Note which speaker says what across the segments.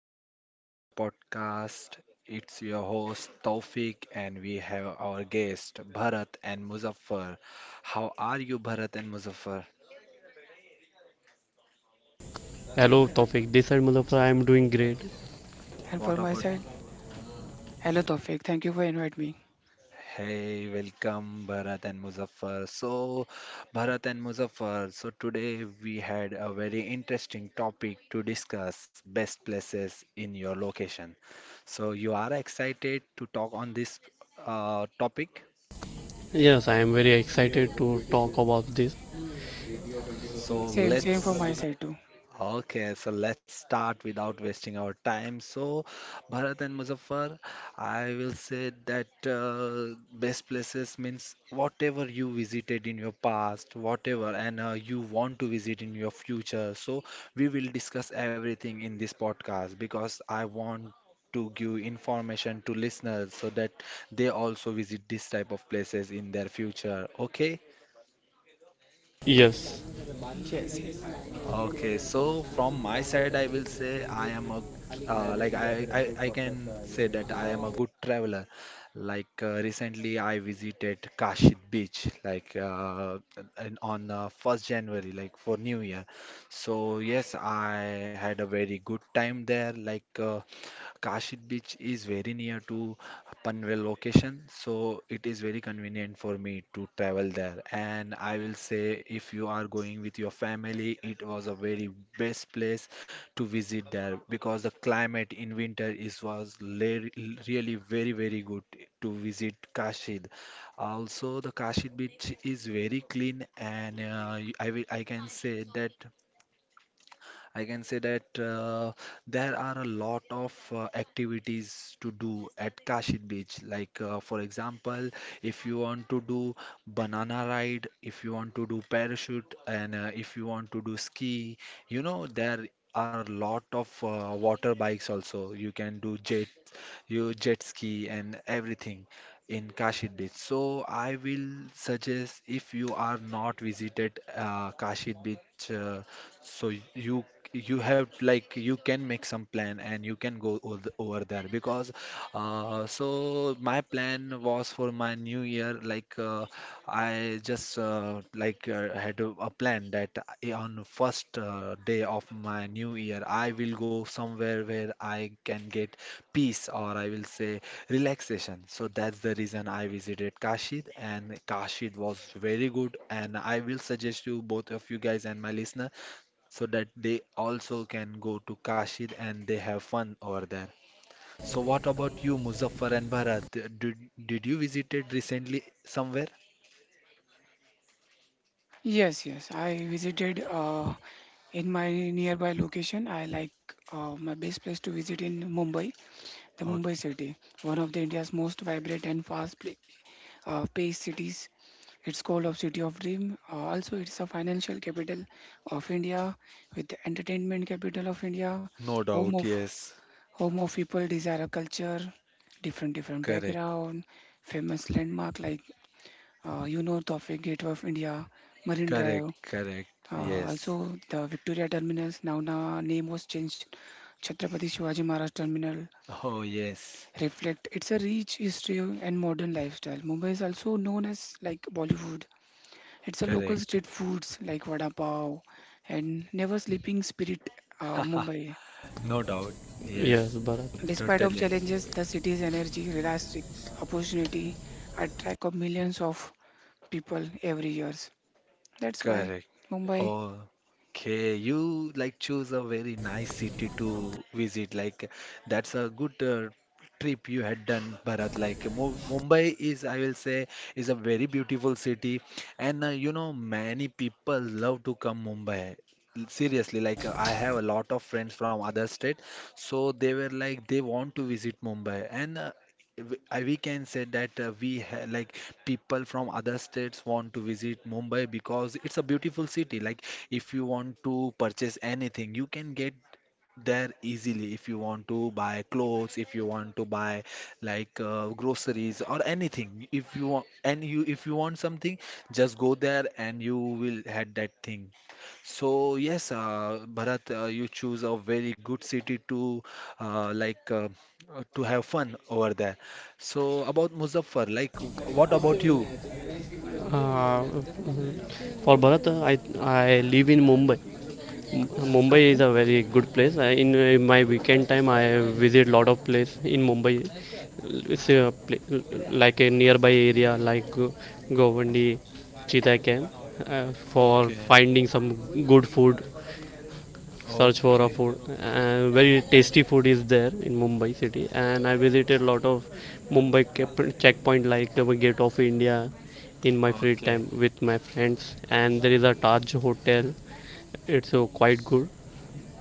Speaker 1: welcome back to my podcast. It's your host Taufik and we have our guest Bharat and Muzaffar. How are you Bharat and Muzaffar?
Speaker 2: Hello, topic. This is Muzaffar. I am doing great.
Speaker 3: And for
Speaker 1: What
Speaker 3: my
Speaker 1: about
Speaker 3: side, hello Tofik, thank you for inviting me.
Speaker 1: Hey, welcome Bharat and Muzaffar. Bharat and Muzaffar, so today we had a very interesting topic to discuss best places in your location. So, you are excited to talk on this topic?
Speaker 2: Yes, I am very excited to talk about this.
Speaker 1: So,
Speaker 3: Same for my
Speaker 1: let's
Speaker 3: side too.
Speaker 1: Okay, so let's start without wasting our time. So, Bharat and Muzaffar, I will say that best places means whatever you visited in your past, whatever, and you want to visit in your future. So, we will discuss everything in this podcast because I want to give information to listeners so that they also visit this type of places in their future. Okay,
Speaker 2: Yes,
Speaker 3: Yes, yes,
Speaker 1: Okay, so from my side, I will say I am a like I can say that I am a good traveler. Like recently, I visited Kashid Beach like on 1st January, like for New Year. So yes, I had a very good time there. Like Kashid Beach is very near to Panvel location, so it is very convenient for me to travel there. And I will say, if you are going with your family, it was a very best place to visit there because the climate in winter is was le- really very good to visit Kashid. Also, the Kashid beach is very clean, and I can say that. I can say that there are a lot of activities to do at Kashid Beach. Like, for example, if you want to do banana ride, if you want to do parachute, and if you want to do ski, you know, there are a lot of water bikes also. You can do jet your jet ski and everything in Kashi Beach. So I will suggest if you are not visited Kashi Beach, so you have like you can make some plan and you can over there because so my plan was for my new year like I just like had a plan that on the first day of my new year I will go somewhere where I can get peace or I will say relaxation. So that's the reason I visited Kashid and Kashid was very good and I will suggest you both of you guys and my listener so that they also can go to Kashid and they have fun over there. So what about you, Muzaffar and Bharat? Did did you visited recently somewhere?
Speaker 3: yes, yes. I visited in my nearby location. I like my best place to visit in Mumbai, the Mumbai
Speaker 1: Okay.
Speaker 3: city, one of the India's most vibrant and fast paced cities. It's called of City of Dream. Also, it's a financial capital of India, with the entertainment capital of India,
Speaker 1: No
Speaker 3: home
Speaker 1: doubt,
Speaker 3: of
Speaker 1: yes.
Speaker 3: Home of people desire a culture, different different
Speaker 1: Correct.
Speaker 3: background, famous landmark like you know Tofik, Gateway of India, Marine
Speaker 1: Correct.
Speaker 3: Drive,
Speaker 1: Correct. Yes.
Speaker 3: also the Victoria Terminus. Now the name was changed. Chhatrapati Shivaji Maharaj Terminal
Speaker 1: Oh yes.
Speaker 3: reflect it's a rich history and modern lifestyle. Mumbai is also known as like Bollywood. It's a local
Speaker 1: Correct.
Speaker 3: street foods like vada pav and never sleeping spirit Mumbai.
Speaker 1: No doubt.
Speaker 2: yes,
Speaker 1: Yes.
Speaker 2: Bharat.
Speaker 3: Despite of
Speaker 1: Totally.
Speaker 3: challenges, the city's energy, realistic opportunity attract of millions of people every years. That's why
Speaker 1: Correct.
Speaker 3: Mumbai.
Speaker 1: Okay, you like choose a very nice city to visit. Like that's a good trip you had done, Bharat. Like Mu Mumbai is, I will say, is a very beautiful city, and you know many people love to come Mumbai. Seriously, like I have a lot of friends from other state, so they were like they want to visit Mumbai, and we can say that we ha like people from other states want to visit Mumbai because it's a beautiful city. Like if you want to purchase anything, you can get there easily. If you want to buy clothes, if you want to buy like groceries or anything, if you want and you if you want something, just go there and you will had that thing. So yes, Bharat, you choose a very good city to uh, like uh, to have fun over there. So about Muzaffar, like what about you?
Speaker 2: Uh, for Bharat, I live in Mumbai. Mumbai is
Speaker 3: Okay.
Speaker 2: a very good place. In my weekend time, I visit lot of place in Mumbai. It's a pla- like a nearby area like Govandi, Cheetah Camp, uh, for
Speaker 1: Okay,
Speaker 2: finding some good food, search for a
Speaker 1: okay,
Speaker 2: food. And very tasty food is there in Mumbai city, and I visited a lot of Mumbai checkpoint like the Gate of India in my free
Speaker 1: okay.
Speaker 2: time with my friends. And there is a Taj Hotel. It's quite good.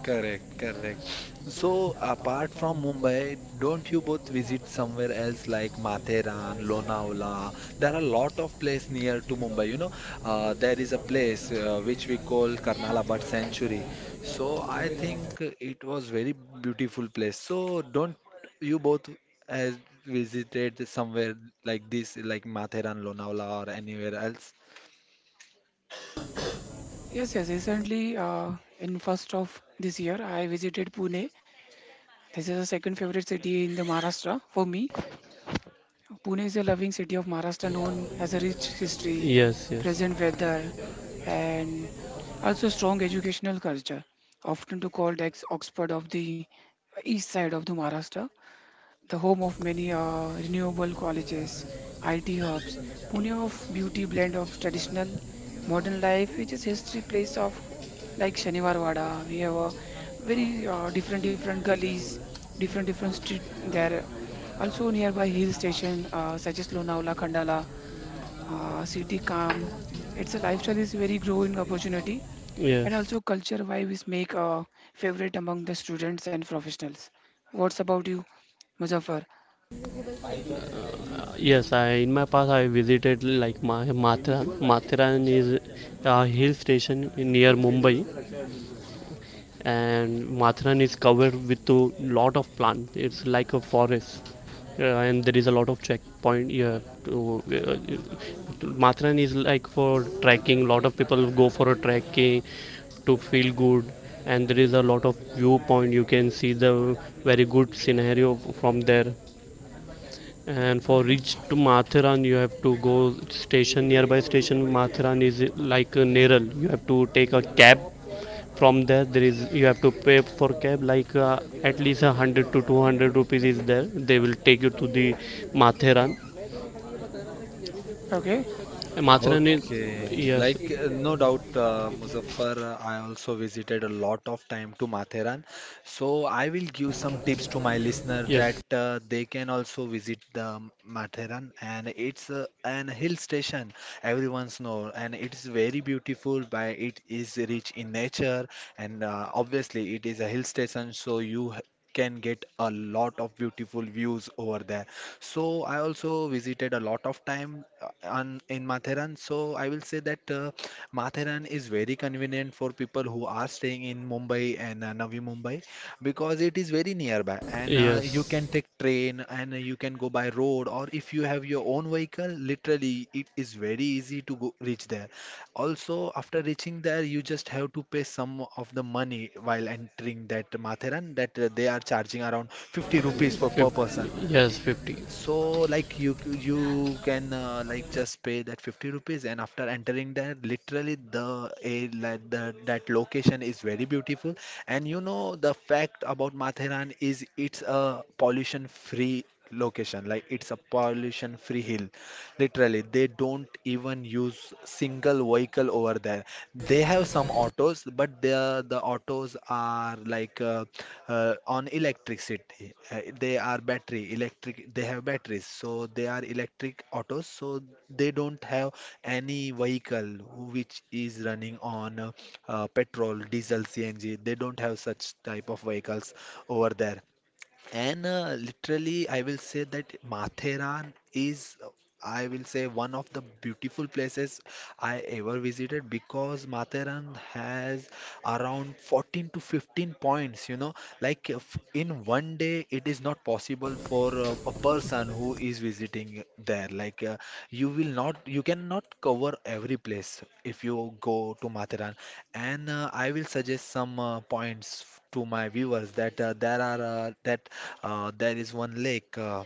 Speaker 1: Correct, correct. So, apart from Mumbai, don't you both visit somewhere else like Matheran, Lonavala? There are a lot of places near to Mumbai. You know, there is a place which we call Karnala Bird Sanctuary. So, I think it was very beautiful place. So, don't you both has visited somewhere like this, like Matheran, Lonavala, or anywhere else?
Speaker 3: Yes, yes. Recently, in first of this year, I visited Pune. This is the second favorite city in the Maharashtra for me. Pune is a loving city of Maharashtra, known as a rich history,
Speaker 2: Yes, yes,
Speaker 3: present weather, and also strong educational culture, often to called ex Oxford of the east side of the Maharashtra. The home of many renewable colleges, IT hubs, Pune of beauty blend of traditional modern life, which is history place of like Shaniwar Wada. We have a very different different gullies, different different street there. Also nearby hill station such as Lonavala, Khandala, city calm. It's a lifestyle is very growing opportunity and
Speaker 2: yes.
Speaker 3: also culture vibe is make a favorite among the students and professionals. What's about you, Muzaffar?
Speaker 2: Yes, I in my past I visited like Mathran. Mathran is a hill station near Mumbai, and Mathran is covered with a lot of plant. It's like a forest. And there is a lot of checkpoint here. Mathran is like for trekking. Lot of people go for a trekking to feel good, and there is a lot of viewpoint. You can see the very good scenario from there. And for reach to Mathiran, you have to go station nearby station. Mathiran is like Neral. You have to take a cab. From there, there is you have to pay for cab at least 100 to 200 rupees is there. They will take you to the Mathiran.
Speaker 3: Okay,
Speaker 2: And Mathiran is
Speaker 1: Okay,
Speaker 2: yes,
Speaker 1: like no doubt, Muzaffar, I also visited a lot of time to Matheran. So I will give some tips to my listener that
Speaker 2: yes,
Speaker 1: they can also visit the Matheran and it's an hill station everyone's know and it's very beautiful by it is rich in nature and obviously it is a hill station so you can get a lot of beautiful views over there. So I also visited a lot of time on in Matheran. So I will say that Matheran is very convenient for people who are staying in Mumbai and Navi Mumbai because it is very nearby and you can
Speaker 2: yes.
Speaker 1: take train and you can go by road or if you have your own vehicle, literally it is very easy to go reach there. Also, after reaching there, you just have to pay some of the money while entering that Matheran that they are charging around 50 rupees for per
Speaker 2: Fif-
Speaker 1: person.
Speaker 2: yes, 50,
Speaker 1: So, like you can just pay that 50 rupees, and after entering there, literally the a like the that location is very beautiful. And you know the fact about Matheran is it's a pollution free location, like it's a pollution free hill, literally they don't even use single vehicle over there. They have some autos but the autos are like on electricity. They are battery electric, they have batteries, so they are electric autos, so they don't have any vehicle which is running on petrol diesel CNG. They don't have such type of vehicles over there, and literally, I will say that Matheran is, I will say, one of the beautiful places I ever visited because Matheran has around 14 to 15 points. You know, like if in one day, it is not possible for a person who is visiting there. Like you will not, you cannot cover every place if you go to Matheran. And I will suggest some points to my viewers that there are that there is one lake. Uh,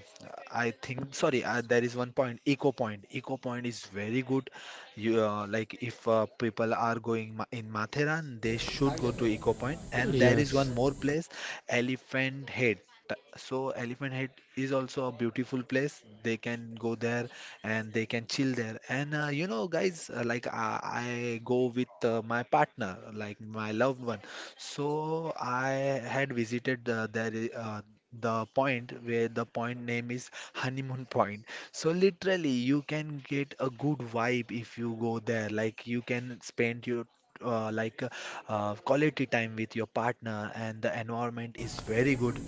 Speaker 1: I think sorry, uh, There is one point, Eco Point. Eco Point is very good. You Like if people are going ma in Matheran, they should go to Eco Point. And there is
Speaker 2: yes,
Speaker 1: one more place, Elephant Head. So Elephant Head is also a beautiful place. They can go there and they can chill there. And you know, guys, I go with my partner, like my loved one. So I had visited the point where the point name is Honeymoon Point. So literally, you can get a good vibe if you go there. Like you can spend your uh, like uh, quality time with your partner and the environment is very good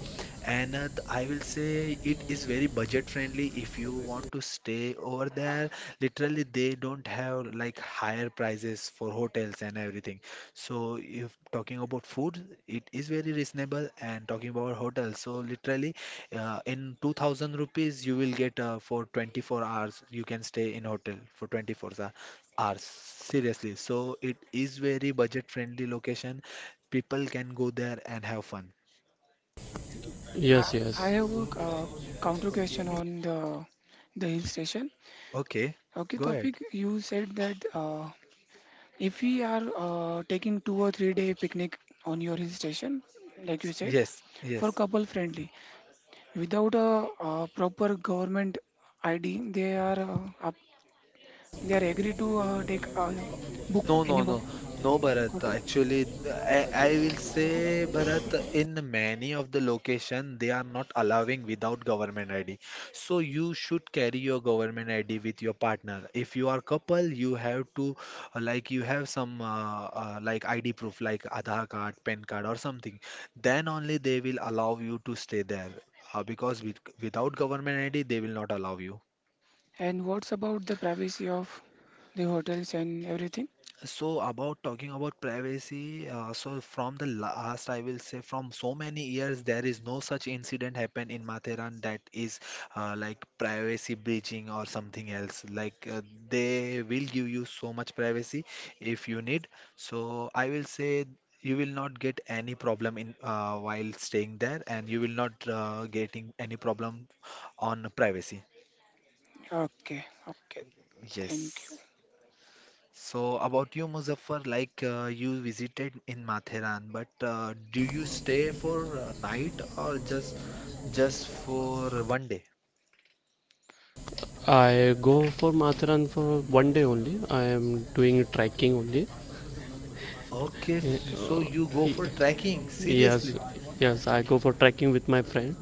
Speaker 1: and I will say it is very budget friendly if you want to stay over there. Literally they don't have like higher prices for hotels and everything, so if talking about food it is very reasonable, and talking about hotels so literally in 2000 rupees you will get for 24 hours, you can stay in hotel for 24 hours are seriously, so it is very budget friendly location, people can go there and have fun.
Speaker 3: I,
Speaker 2: yes, yes.
Speaker 3: I have a counter question on the hill station.
Speaker 1: Okay,
Speaker 3: Okay,
Speaker 1: go ahead.
Speaker 3: Tofik, you said that if we are taking 2 or 3 day picnic on your hill station, like you said,
Speaker 1: Yes,
Speaker 3: for
Speaker 1: yes.
Speaker 3: couple friendly, without proper government ID, they are up, they are agree to take a book
Speaker 1: No,
Speaker 3: any
Speaker 1: no,
Speaker 3: book
Speaker 1: no, no, Bharat.
Speaker 3: hotel.
Speaker 1: Actually, I will say, Bharat, in many of the location, they are not allowing without government ID. So you should carry your government ID with your partner. If you are couple, you have to, you have some, ID proof, like Aadhaar card, PAN card, or something. Then only they will allow you to stay there. Because without government ID, they will not allow you.
Speaker 3: And what's about the privacy of the hotels and everything?
Speaker 1: So about talking about privacy, so from the last, I will say from so many years, there is no such incident happen in Matheran that is like privacy breaching or something else. Like they will give you so much privacy if you need. So I will say you will not get any problem in while staying there, and you will not getting any problem on privacy.
Speaker 3: Okay, okay, thank
Speaker 1: Yes. So about you, Muzaffar, like you visited in Matheran, but do you stay for a night or just for one day?
Speaker 2: I go for Mathiran for one day only. I am doing trekking only.
Speaker 1: Okay, so
Speaker 2: Uh,
Speaker 1: you go for trekking,
Speaker 2: Yes,
Speaker 1: seriously?
Speaker 2: yes, I go for trekking with my friend,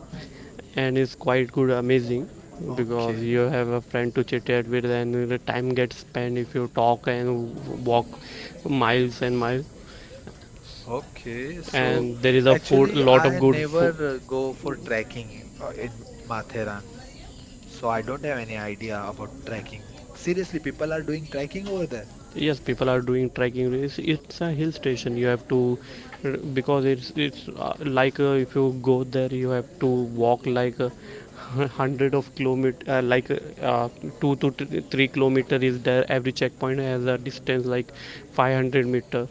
Speaker 2: and it's quite good, amazing, because
Speaker 1: Okay,
Speaker 2: you have a friend to chit chat with, and the time gets spent if you talk and walk miles and miles.
Speaker 1: okay. So
Speaker 3: you.
Speaker 2: And there is a food, a
Speaker 1: actually,
Speaker 2: lot of
Speaker 1: I
Speaker 2: good
Speaker 1: never
Speaker 2: food.
Speaker 1: go for trekking in Matheran, so I don't have any idea about trekking. Seriously, people are doing trekking over there?
Speaker 2: Yes, people are doing trekking. It's a hill station, you have to, because it's like if you go there you have to walk like hundred of kilometer uh, two to three kilometer is there. Every checkpoint has a distance like 500 meter.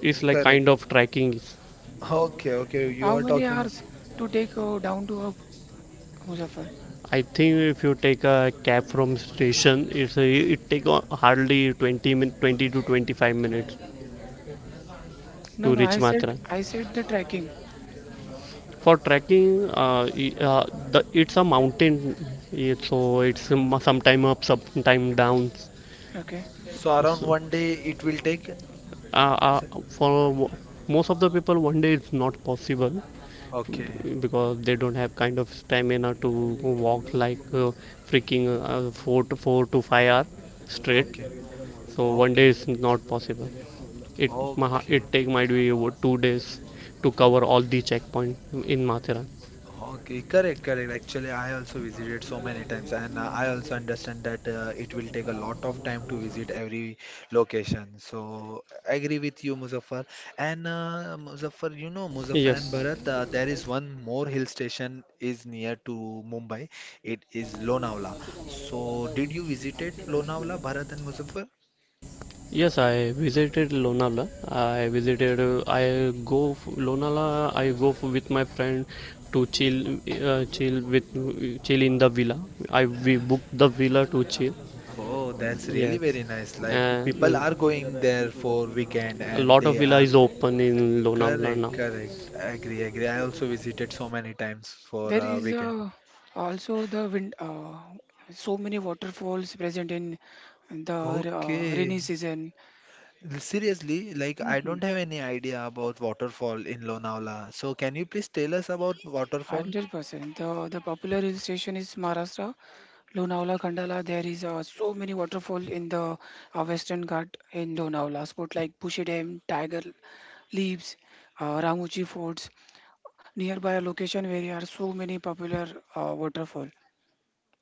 Speaker 2: It's like
Speaker 1: Correct.
Speaker 2: kind of trekking.
Speaker 1: Okay, okay. You
Speaker 3: How
Speaker 1: are
Speaker 3: many
Speaker 1: talking.
Speaker 3: hours to take down to Muzaffar?
Speaker 2: I think if you take a cab from station, it take hardly 20 to 25 minutes
Speaker 3: No,
Speaker 2: to
Speaker 3: no.
Speaker 2: reach
Speaker 3: I said
Speaker 2: Matra.
Speaker 3: I said the trekking.
Speaker 2: For trekking, uh, it's a mountain, yeah, so sometime up, sometime down.
Speaker 3: Okay.
Speaker 1: So around
Speaker 2: So,
Speaker 1: one day it will take
Speaker 2: uh,
Speaker 1: मतलब,
Speaker 2: uh, for most of the people, one day it's not possible,
Speaker 1: okay,
Speaker 2: because they don't have kind of stamina to walk like freaking 4 to 4 to 5 hour straight.
Speaker 1: okay,
Speaker 2: So one day
Speaker 1: okay,
Speaker 2: is not possible. It
Speaker 1: okay,
Speaker 2: it take might be 2 days to cover all the checkpoint in Mathura.
Speaker 1: okay, correct, correct, actually I also visited so many times and I also understand that it will take a lot of time to visit every location, so I agree with you, Muzaffar. And Muzaffar, you know Muzaffar and
Speaker 2: Yes.
Speaker 1: Bharat, there is one more hill station is near to Mumbai. It is Lonavala. So did you visited Lonavala, Bharat and Muzaffar?
Speaker 2: Yes, I visited Lonavala. I visited. Lonavala, I go with my friend to chill, chill with chill in the villa. I We booked the villa to chill.
Speaker 1: Oh, that's really
Speaker 2: Yes,
Speaker 1: very nice. Like
Speaker 2: and
Speaker 1: people are going there for weekend
Speaker 2: a
Speaker 1: and
Speaker 2: lot
Speaker 1: they
Speaker 2: of villa
Speaker 1: are.
Speaker 2: is open in Lonavala
Speaker 1: Correct,
Speaker 2: now.
Speaker 1: correct. I agree, agree. I also visited so many times for
Speaker 3: There is
Speaker 1: weekend.
Speaker 3: also the wind. So many waterfalls present in the
Speaker 1: Okay.
Speaker 3: rainy season.
Speaker 1: Seriously, like I
Speaker 3: hmm
Speaker 1: don't have any idea about waterfall in Lonavala. So can you please tell us about waterfall?
Speaker 3: 100%. The popular hill station is Maharashtra. Lonavala, Khandala, there is so many waterfall in the Western Ghat in Lonavala. Spot like Bushi Dam, Tiger Leaves, Ramuchi Forts, nearby a location where there are so many popular waterfall.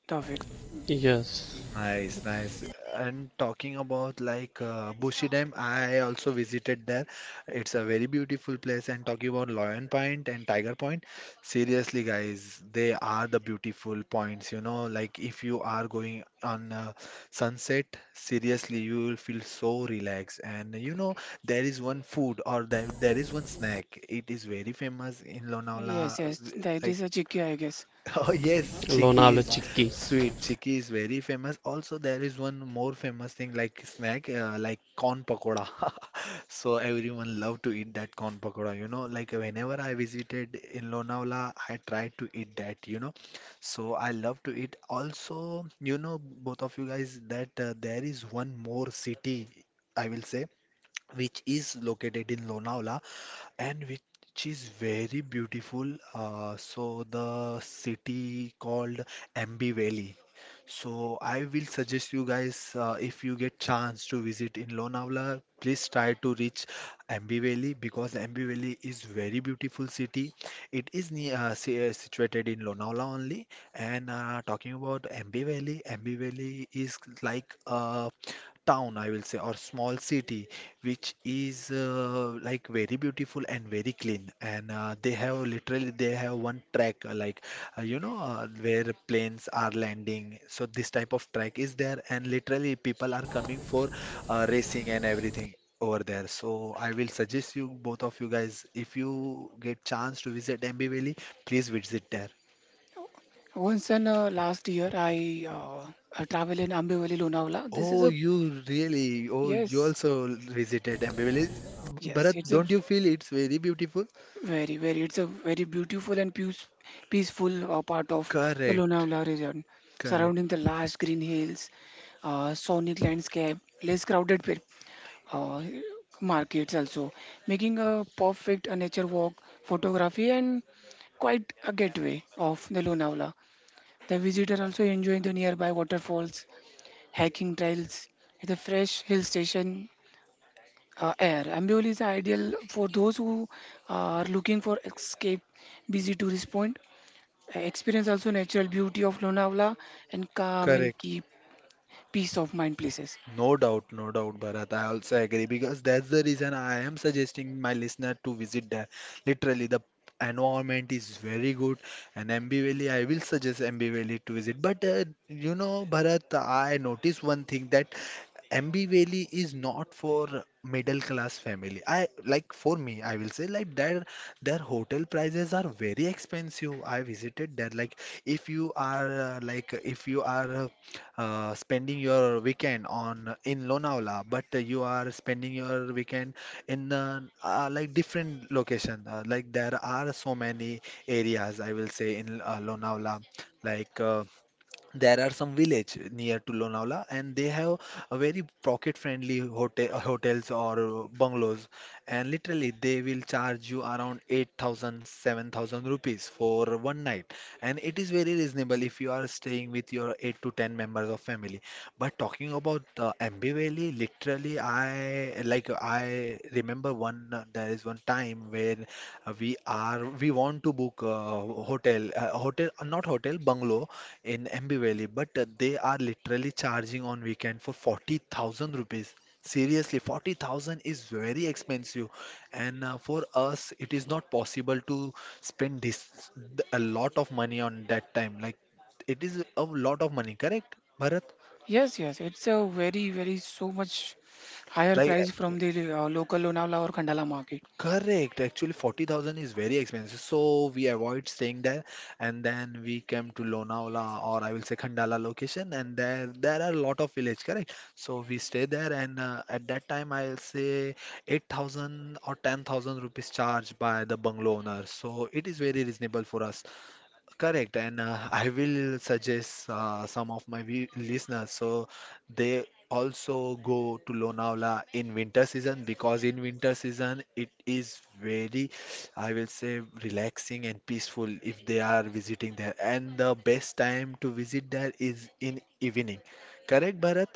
Speaker 3: Tawfiq.
Speaker 2: Yes,
Speaker 1: Nice, nice. And talking about like Bushi Dam, I also visited there. It's a very beautiful place. And talking about Lion Point and Tiger Point, seriously, guys, they are the beautiful points. You know, like if you are going on sunset, seriously, you will feel so relaxed. And you know, there is one food or there is one snack. It is very famous in Lonavala.
Speaker 3: Yes, yes, that
Speaker 1: Like.
Speaker 3: is a Chikki, I guess.
Speaker 1: Oh yes, Chiki
Speaker 2: Lonavala
Speaker 1: is
Speaker 2: Chikki.
Speaker 1: sweet. Chiki is very famous. Also, there is one more famous thing like snack, like corn pakoda. So everyone love to eat that corn pakoda. You know, like whenever I visited in Lonavala, I tried to eat that. So I love to eat. Also, you know, both of you guys, that there is one more city, I will say, which is located in Lonavala and which is very beautiful. So the city called MB Valley. So I will suggest you guys if you get chance to visit in Lonavala, please try to reach MB Valley because MB Valley is very beautiful city. It is near situated in Lonavala only. And talking about MB Valley, MB Valley is like a town, I will say, or small city, which is like very beautiful and very clean. And they have, literally, they have one track, like, where planes are landing. So this type of track is there, and literally people are coming for racing and everything over there. So I will suggest you both of you guys, if you get chance to visit MB Valley, please visit there.
Speaker 3: Once and last year, I travel in Ambivali Lonavala. This is
Speaker 1: Oh,
Speaker 3: a.
Speaker 1: you really? Oh, you
Speaker 3: Yes,
Speaker 1: also visited Ambivali.
Speaker 3: yes.
Speaker 1: Bharat,
Speaker 3: It's a
Speaker 1: don't you feel it's very beautiful?
Speaker 3: very, very. It's a very beautiful and peaceful part of the
Speaker 1: Correct,
Speaker 3: Lonavala region,
Speaker 1: correct,
Speaker 3: surrounding the lush green hills, sonic landscape, less crowded uh, markets also, making a perfect a nature walk, photography, and quite a gateway of the Lonavala. The visitor also enjoying the nearby waterfalls, hiking trails, the fresh hill station air. Ambul is ideal for those who are looking for escape, busy tourist point. Experience also natural beauty of Lonavala and calm and
Speaker 1: correct.
Speaker 3: keep peace of mind places.
Speaker 1: No doubt, no doubt, Bharat. I also agree because that's the reason I am suggesting my listener to visit there. Literally, the environment is very good, and MB Valley, I will suggest MB Valley to visit. But you know, Bharat, I noticed one thing that MB Valley is not for middle class family. I like for me, I will say like their hotel prices are very expensive. I visited there like if you are like if you are spending your weekend on in Lonavala, but you are spending your weekend in like different location. Like there are so many areas, I will say, in Lonavala, like. There are some village near to Lonavala and they have a very pocket friendly hotels or bungalows, and literally they will charge you around 8,000, 7,000 rupees for one night, and it is very reasonable if you are staying with your 8 to 10 members of family. But talking about the Ambi Valley, literally, I like I remember one there is one time where we want to book a hotel not hotel, bungalow in MB Valley, but they are literally charging on weekend for 40,000 rupees. Seriously, 40,000 is very expensive, and for us, it is not possible to spend a lot of money on that time. Like, it is a lot of money, correct, Bharat?
Speaker 3: Yes, yes, it's a very, very so much higher
Speaker 1: Like.
Speaker 3: price from the local Lonavala or Khandala market.
Speaker 1: Correct. Actually, 40,000 is very expensive. So we avoid staying there, and then we came to Lonavala, or I will say Khandala location, and there are a lot of village, correct? So we stay there and at that time I'll say 8,000 or 10,000 rupees charged by the bungalow owner. So it is very reasonable for us. Correct, and I will suggest some of my listeners so they also go to Lonavala in winter season because in winter season it is very, I will say, relaxing and peaceful if they are visiting there. And the best time to visit there is in evening. Correct, Bharat?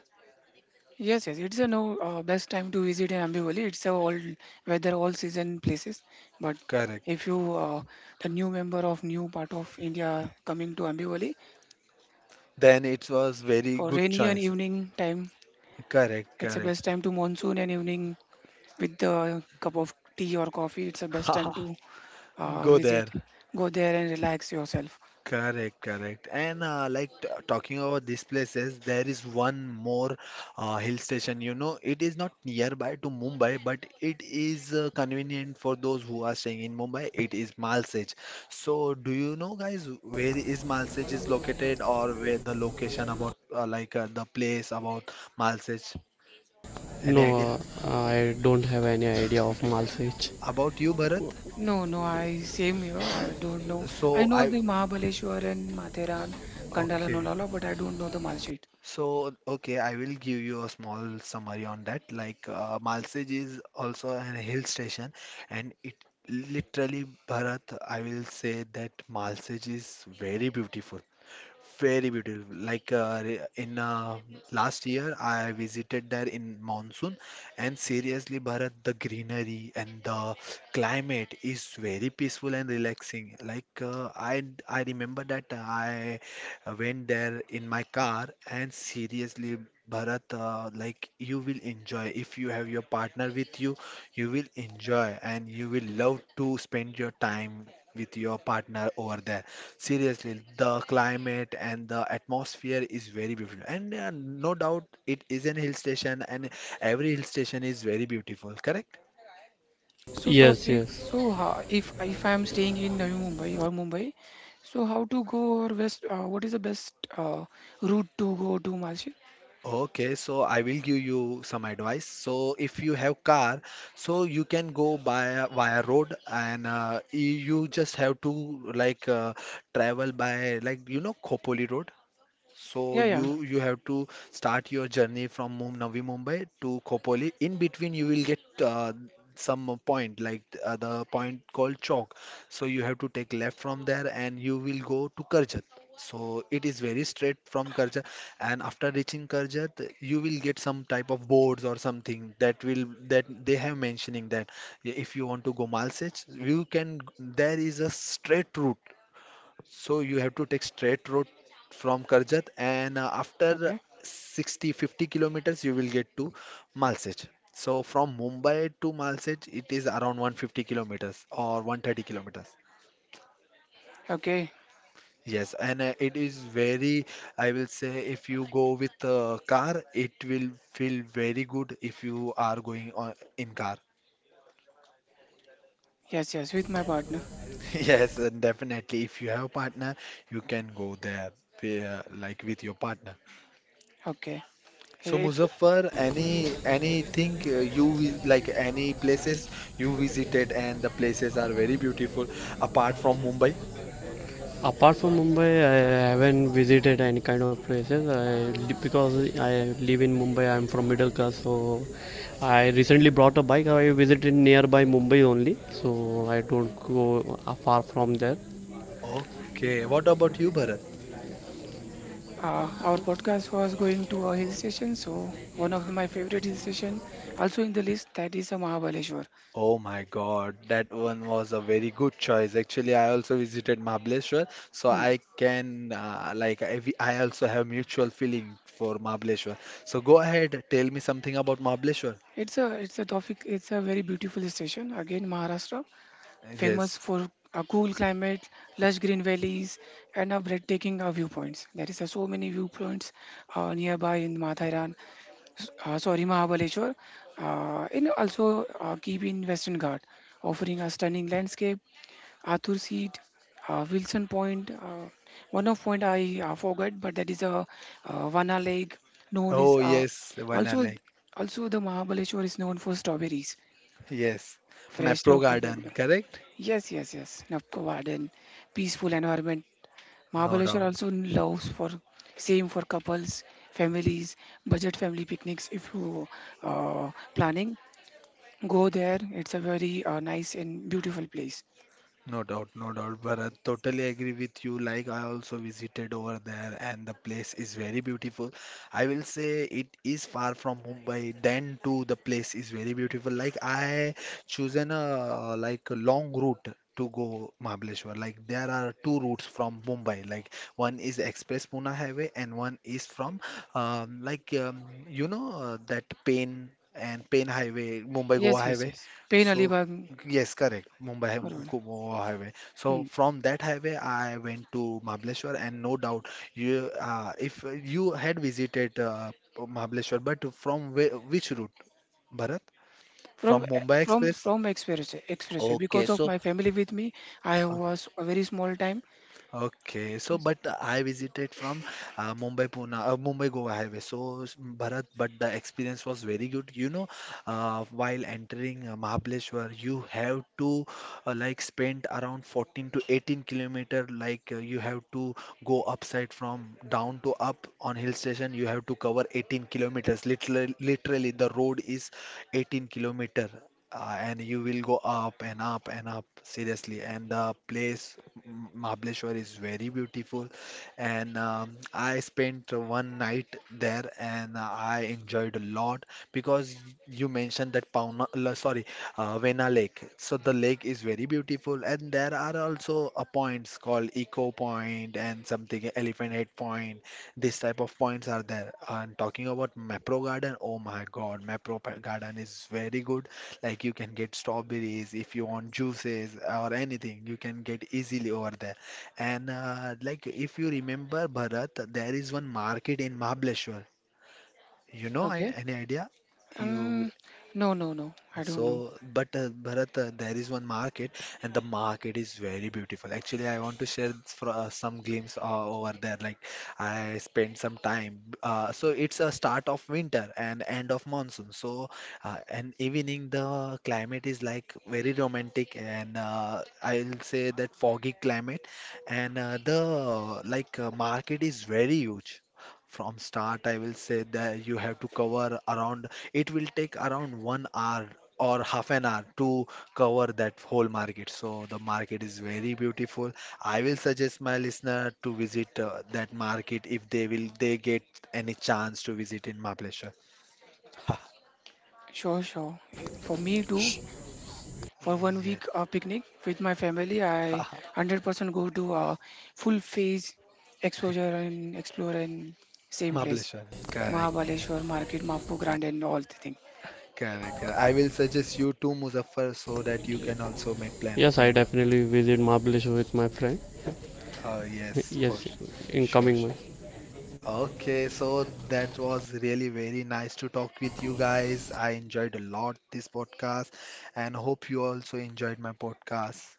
Speaker 3: Yes, yes, it's a no best time to visit in Ambivali. It's a all weather, all season places. But
Speaker 1: Correct.
Speaker 3: if you the new member of new part of India coming to Ambivali
Speaker 1: Then it was very
Speaker 3: for
Speaker 1: good
Speaker 3: rainy and
Speaker 1: choice.
Speaker 3: evening time,
Speaker 1: Correct,
Speaker 3: it's the
Speaker 1: correct.
Speaker 3: best time to monsoon and evening with the cup of tea or coffee. It's the best time to
Speaker 1: Go
Speaker 3: visit.
Speaker 1: there.
Speaker 3: Go there and relax yourself.
Speaker 1: Correct, correct. And like talking about these places, there is one more hill station. You know, it is not nearby to Mumbai, but it is convenient for those who are staying in Mumbai. It is Malsej. So, do you know, guys, where is Malsej is located, or where the location about like the place about Malsej? Any idea
Speaker 2: No, I don't have any idea of Malsich.
Speaker 1: about you, Bharat?
Speaker 3: No, no, I same here. I don't know. I
Speaker 1: So
Speaker 3: know
Speaker 1: I
Speaker 3: the Mahabaleshwar and Matheran, Kandala
Speaker 1: okay.
Speaker 3: Nolala, but I don't know the Malshet.
Speaker 1: So, okay, I will give you a small summary on that. Like, Malsej is also a hill station, and it, literally, Bharat, I will say that Malsej is very beautiful. Very beautiful. Like re- in last year, I visited there in monsoon, and seriously, Bharat, the greenery and the climate is very peaceful and relaxing. Like I remember that I went there in my car, and seriously, Bharat, like you will enjoy if you have your partner with you, you will enjoy and you will love to spend your time with your partner over there. Seriously, the climate and the atmosphere is very beautiful, and no doubt it is an hill station, and every hill station is very beautiful, correct?
Speaker 3: So
Speaker 2: Yes,
Speaker 3: Tawfiq,
Speaker 2: yes.
Speaker 3: so how, if I am staying in Navi Mumbai or Mumbai, so how to go or west? What is the best route to go to Malshet?
Speaker 1: Okay, so I will give you some advice. So if you have car, so you can go by via road, and you just have to like uh, travel by, like, you know, Khopoli Road. So
Speaker 3: Yeah, yeah.
Speaker 1: you have to start your journey from Navi Mumbai to Khopoli. In between, you will get some point like the point called Chowk. So you have to take left from there, and you will go to Karjat. So it is very straight from Karjat, and after reaching Karjat, you will get some type of boards or something that will that they have mentioning that if you want to go Malsech, you can. There is a straight route, so you have to take straight road from Karjat, and after
Speaker 3: Okay,
Speaker 1: 60 50 kilometers you will get to Malsej. So from Mumbai to Malsej it is around 150 kilometers or 130 kilometers.
Speaker 3: okay.
Speaker 1: Yes, and it is very, I will say, if you go with a car, it will feel very good if you are going on in car.
Speaker 3: Yes, yes. With my partner.
Speaker 1: Yes, and definitely. If you have partner, you can go there, like with your partner.
Speaker 3: Okay.
Speaker 1: So
Speaker 3: It,
Speaker 1: Muzaffar, anything you like any places you visited and the places are very beautiful apart from Mumbai?
Speaker 2: Apart from Mumbai, I haven't visited any kind of places. Because I live in Mumbai, I'm from middle class, so I recently brought a bike. I visited nearby Mumbai only, so I don't go far from there.
Speaker 1: Okay, what about you, Bharat?
Speaker 3: our podcast was going to a hill station, so one of my favorite hill station, also in the list, that is a Mahabaleshwar.
Speaker 1: Oh my God, that one was a very good choice. Actually, I also visited Mahabaleshwar, so
Speaker 3: Hmm.
Speaker 1: I can like I also have mutual feeling for Mahabaleshwar. So go ahead, tell me something about Mahabaleshwar.
Speaker 3: It's a topic. It's a very beautiful station. Again, Maharashtra, famous
Speaker 1: Yes.
Speaker 3: for a cool climate, lush green valleys, and a breathtaking viewpoints. There is so many viewpoints nearby in Mathairan, sorry, Mahabaleshwar, And also Keep in Western Ghat, offering a stunning landscape Arthur Seat, Wilson Point. One of point I forgot, but that is a Vana Lake known as.
Speaker 1: Oh yes, Vanna
Speaker 3: Also,
Speaker 1: Lake.
Speaker 3: also, the Mahabaleshwar is known for strawberries,
Speaker 1: Yes.
Speaker 3: fresh
Speaker 1: Mapro
Speaker 3: local
Speaker 1: Garden,
Speaker 3: food.
Speaker 1: correct?
Speaker 3: Yes, yes, yes. Navco Garden, peaceful environment.
Speaker 1: No
Speaker 3: Mahabaleshwar
Speaker 1: doubt.
Speaker 3: also loves for same for couples, families, budget family picnics. If you planning, go there. It's a very nice and beautiful place.
Speaker 1: No doubt, no doubt, Bharat. Totally agree with you. Like I also visited over there, and the place is very beautiful. I will say it is far from Mumbai. Then too, the place is very beautiful. Like I chosen a, like, a long route to go Mahabaleshwar. Like there are two routes from Mumbai. Like one is Express Pune Highway, and one is from like you know that Pen and Pen Highway, Mumbai Goa
Speaker 3: Yes, yes,
Speaker 1: Highway.
Speaker 3: yes. Pain
Speaker 1: So
Speaker 3: Alibag.
Speaker 1: Yes, correct. Mumbai Goa highway. So
Speaker 3: Hmm.
Speaker 1: from that highway, I went to Mahabaleshwar, and no doubt, you if you had visited Mahabaleshwar, but from which route, Bharat?
Speaker 3: From
Speaker 1: From
Speaker 3: e-
Speaker 1: Mumbai
Speaker 3: from
Speaker 1: Express?
Speaker 3: from expressway
Speaker 1: Okay,
Speaker 3: because of
Speaker 1: so
Speaker 3: my family with me, I was a very small time.
Speaker 1: Okay, so but I visited from Mumbai Pune, Mumbai Goa highway. So Bharat, but the experience was very good. You know, while entering Mahabaleshwar, you have to like spend around 14 to 18 kilometer. Like you have to go upside from down to up on hill station. You have to cover 18 kilometers. Literally, the road is 18 kilometer. And you will go up and up and up, seriously, and the place Mahabaleshwar is very beautiful, and I spent one night there and I enjoyed a lot because you mentioned that Pauna, sorry, Vena Lake. So the lake is very beautiful, and there are also points called Eco Point and something Elephant Head Point. This type of points are there. And talking about Mapro Garden, oh my God, Mapro Garden is very good. Like you can get strawberries, if you want juices or anything, you can get easily over there. And like if you remember, Bharat, there is one market in Mahabaleshwar. You know,
Speaker 3: Okay.
Speaker 1: any idea? You
Speaker 3: Um. No, no, no. I don't know.
Speaker 1: so, but Bharat, there is one market, and the market is very beautiful. Actually, I want to share for, some glimpse over there. Like, I spent some time. So it's a start of winter and end of monsoon. So, and evening the climate is like very romantic, and I'll say that foggy climate, and the like market is very huge. From start, I will say that you have to cover around. It will take around one hour or half an hour to cover that whole market. So the market is very beautiful. I will suggest my listener to visit that market if they get any chance to visit in Mahabaleshwar.
Speaker 3: Sure, sure. For me too. For one
Speaker 1: Yes.
Speaker 3: week picnic with my family, I 100% go to full phase exposure and explore in same place.
Speaker 1: Mahabaleshwar. Correct. Yeah.
Speaker 3: Mahabaleshwar Market, Mafco Grand, and all the thing.
Speaker 1: Correct. Correct. I will suggest you to Muzaffar so that you can also make plan
Speaker 2: Yes,
Speaker 1: to
Speaker 2: I
Speaker 1: Mahabaleshwar.
Speaker 2: definitely visit Mahabaleshwar with my friend.
Speaker 1: Yes, for
Speaker 2: Yes, in
Speaker 1: sure.
Speaker 2: coming month.
Speaker 1: Okay, so that was really very nice to talk with you guys. I enjoyed a lot this podcast and hope you also enjoyed my podcast.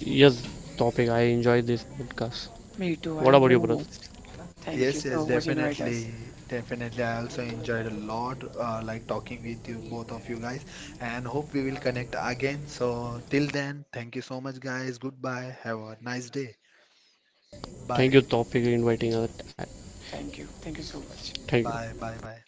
Speaker 2: Yes, topic. I enjoy this podcast.
Speaker 3: Me too. I
Speaker 2: What about
Speaker 3: enjoy
Speaker 2: you, brother?
Speaker 3: most. Thank you
Speaker 1: Yes, yes,
Speaker 3: so much, invite us.
Speaker 1: definitely. Definitely. I also enjoyed a lot like talking with you both of you guys, and hope we will connect again. So till then, thank you so much, guys. Goodbye. Have a nice day. Bye.
Speaker 2: Thank you, Tawfiq, for inviting us.
Speaker 3: Thank you. Thank you so much.
Speaker 2: Thank you.
Speaker 1: Bye. Bye. Bye.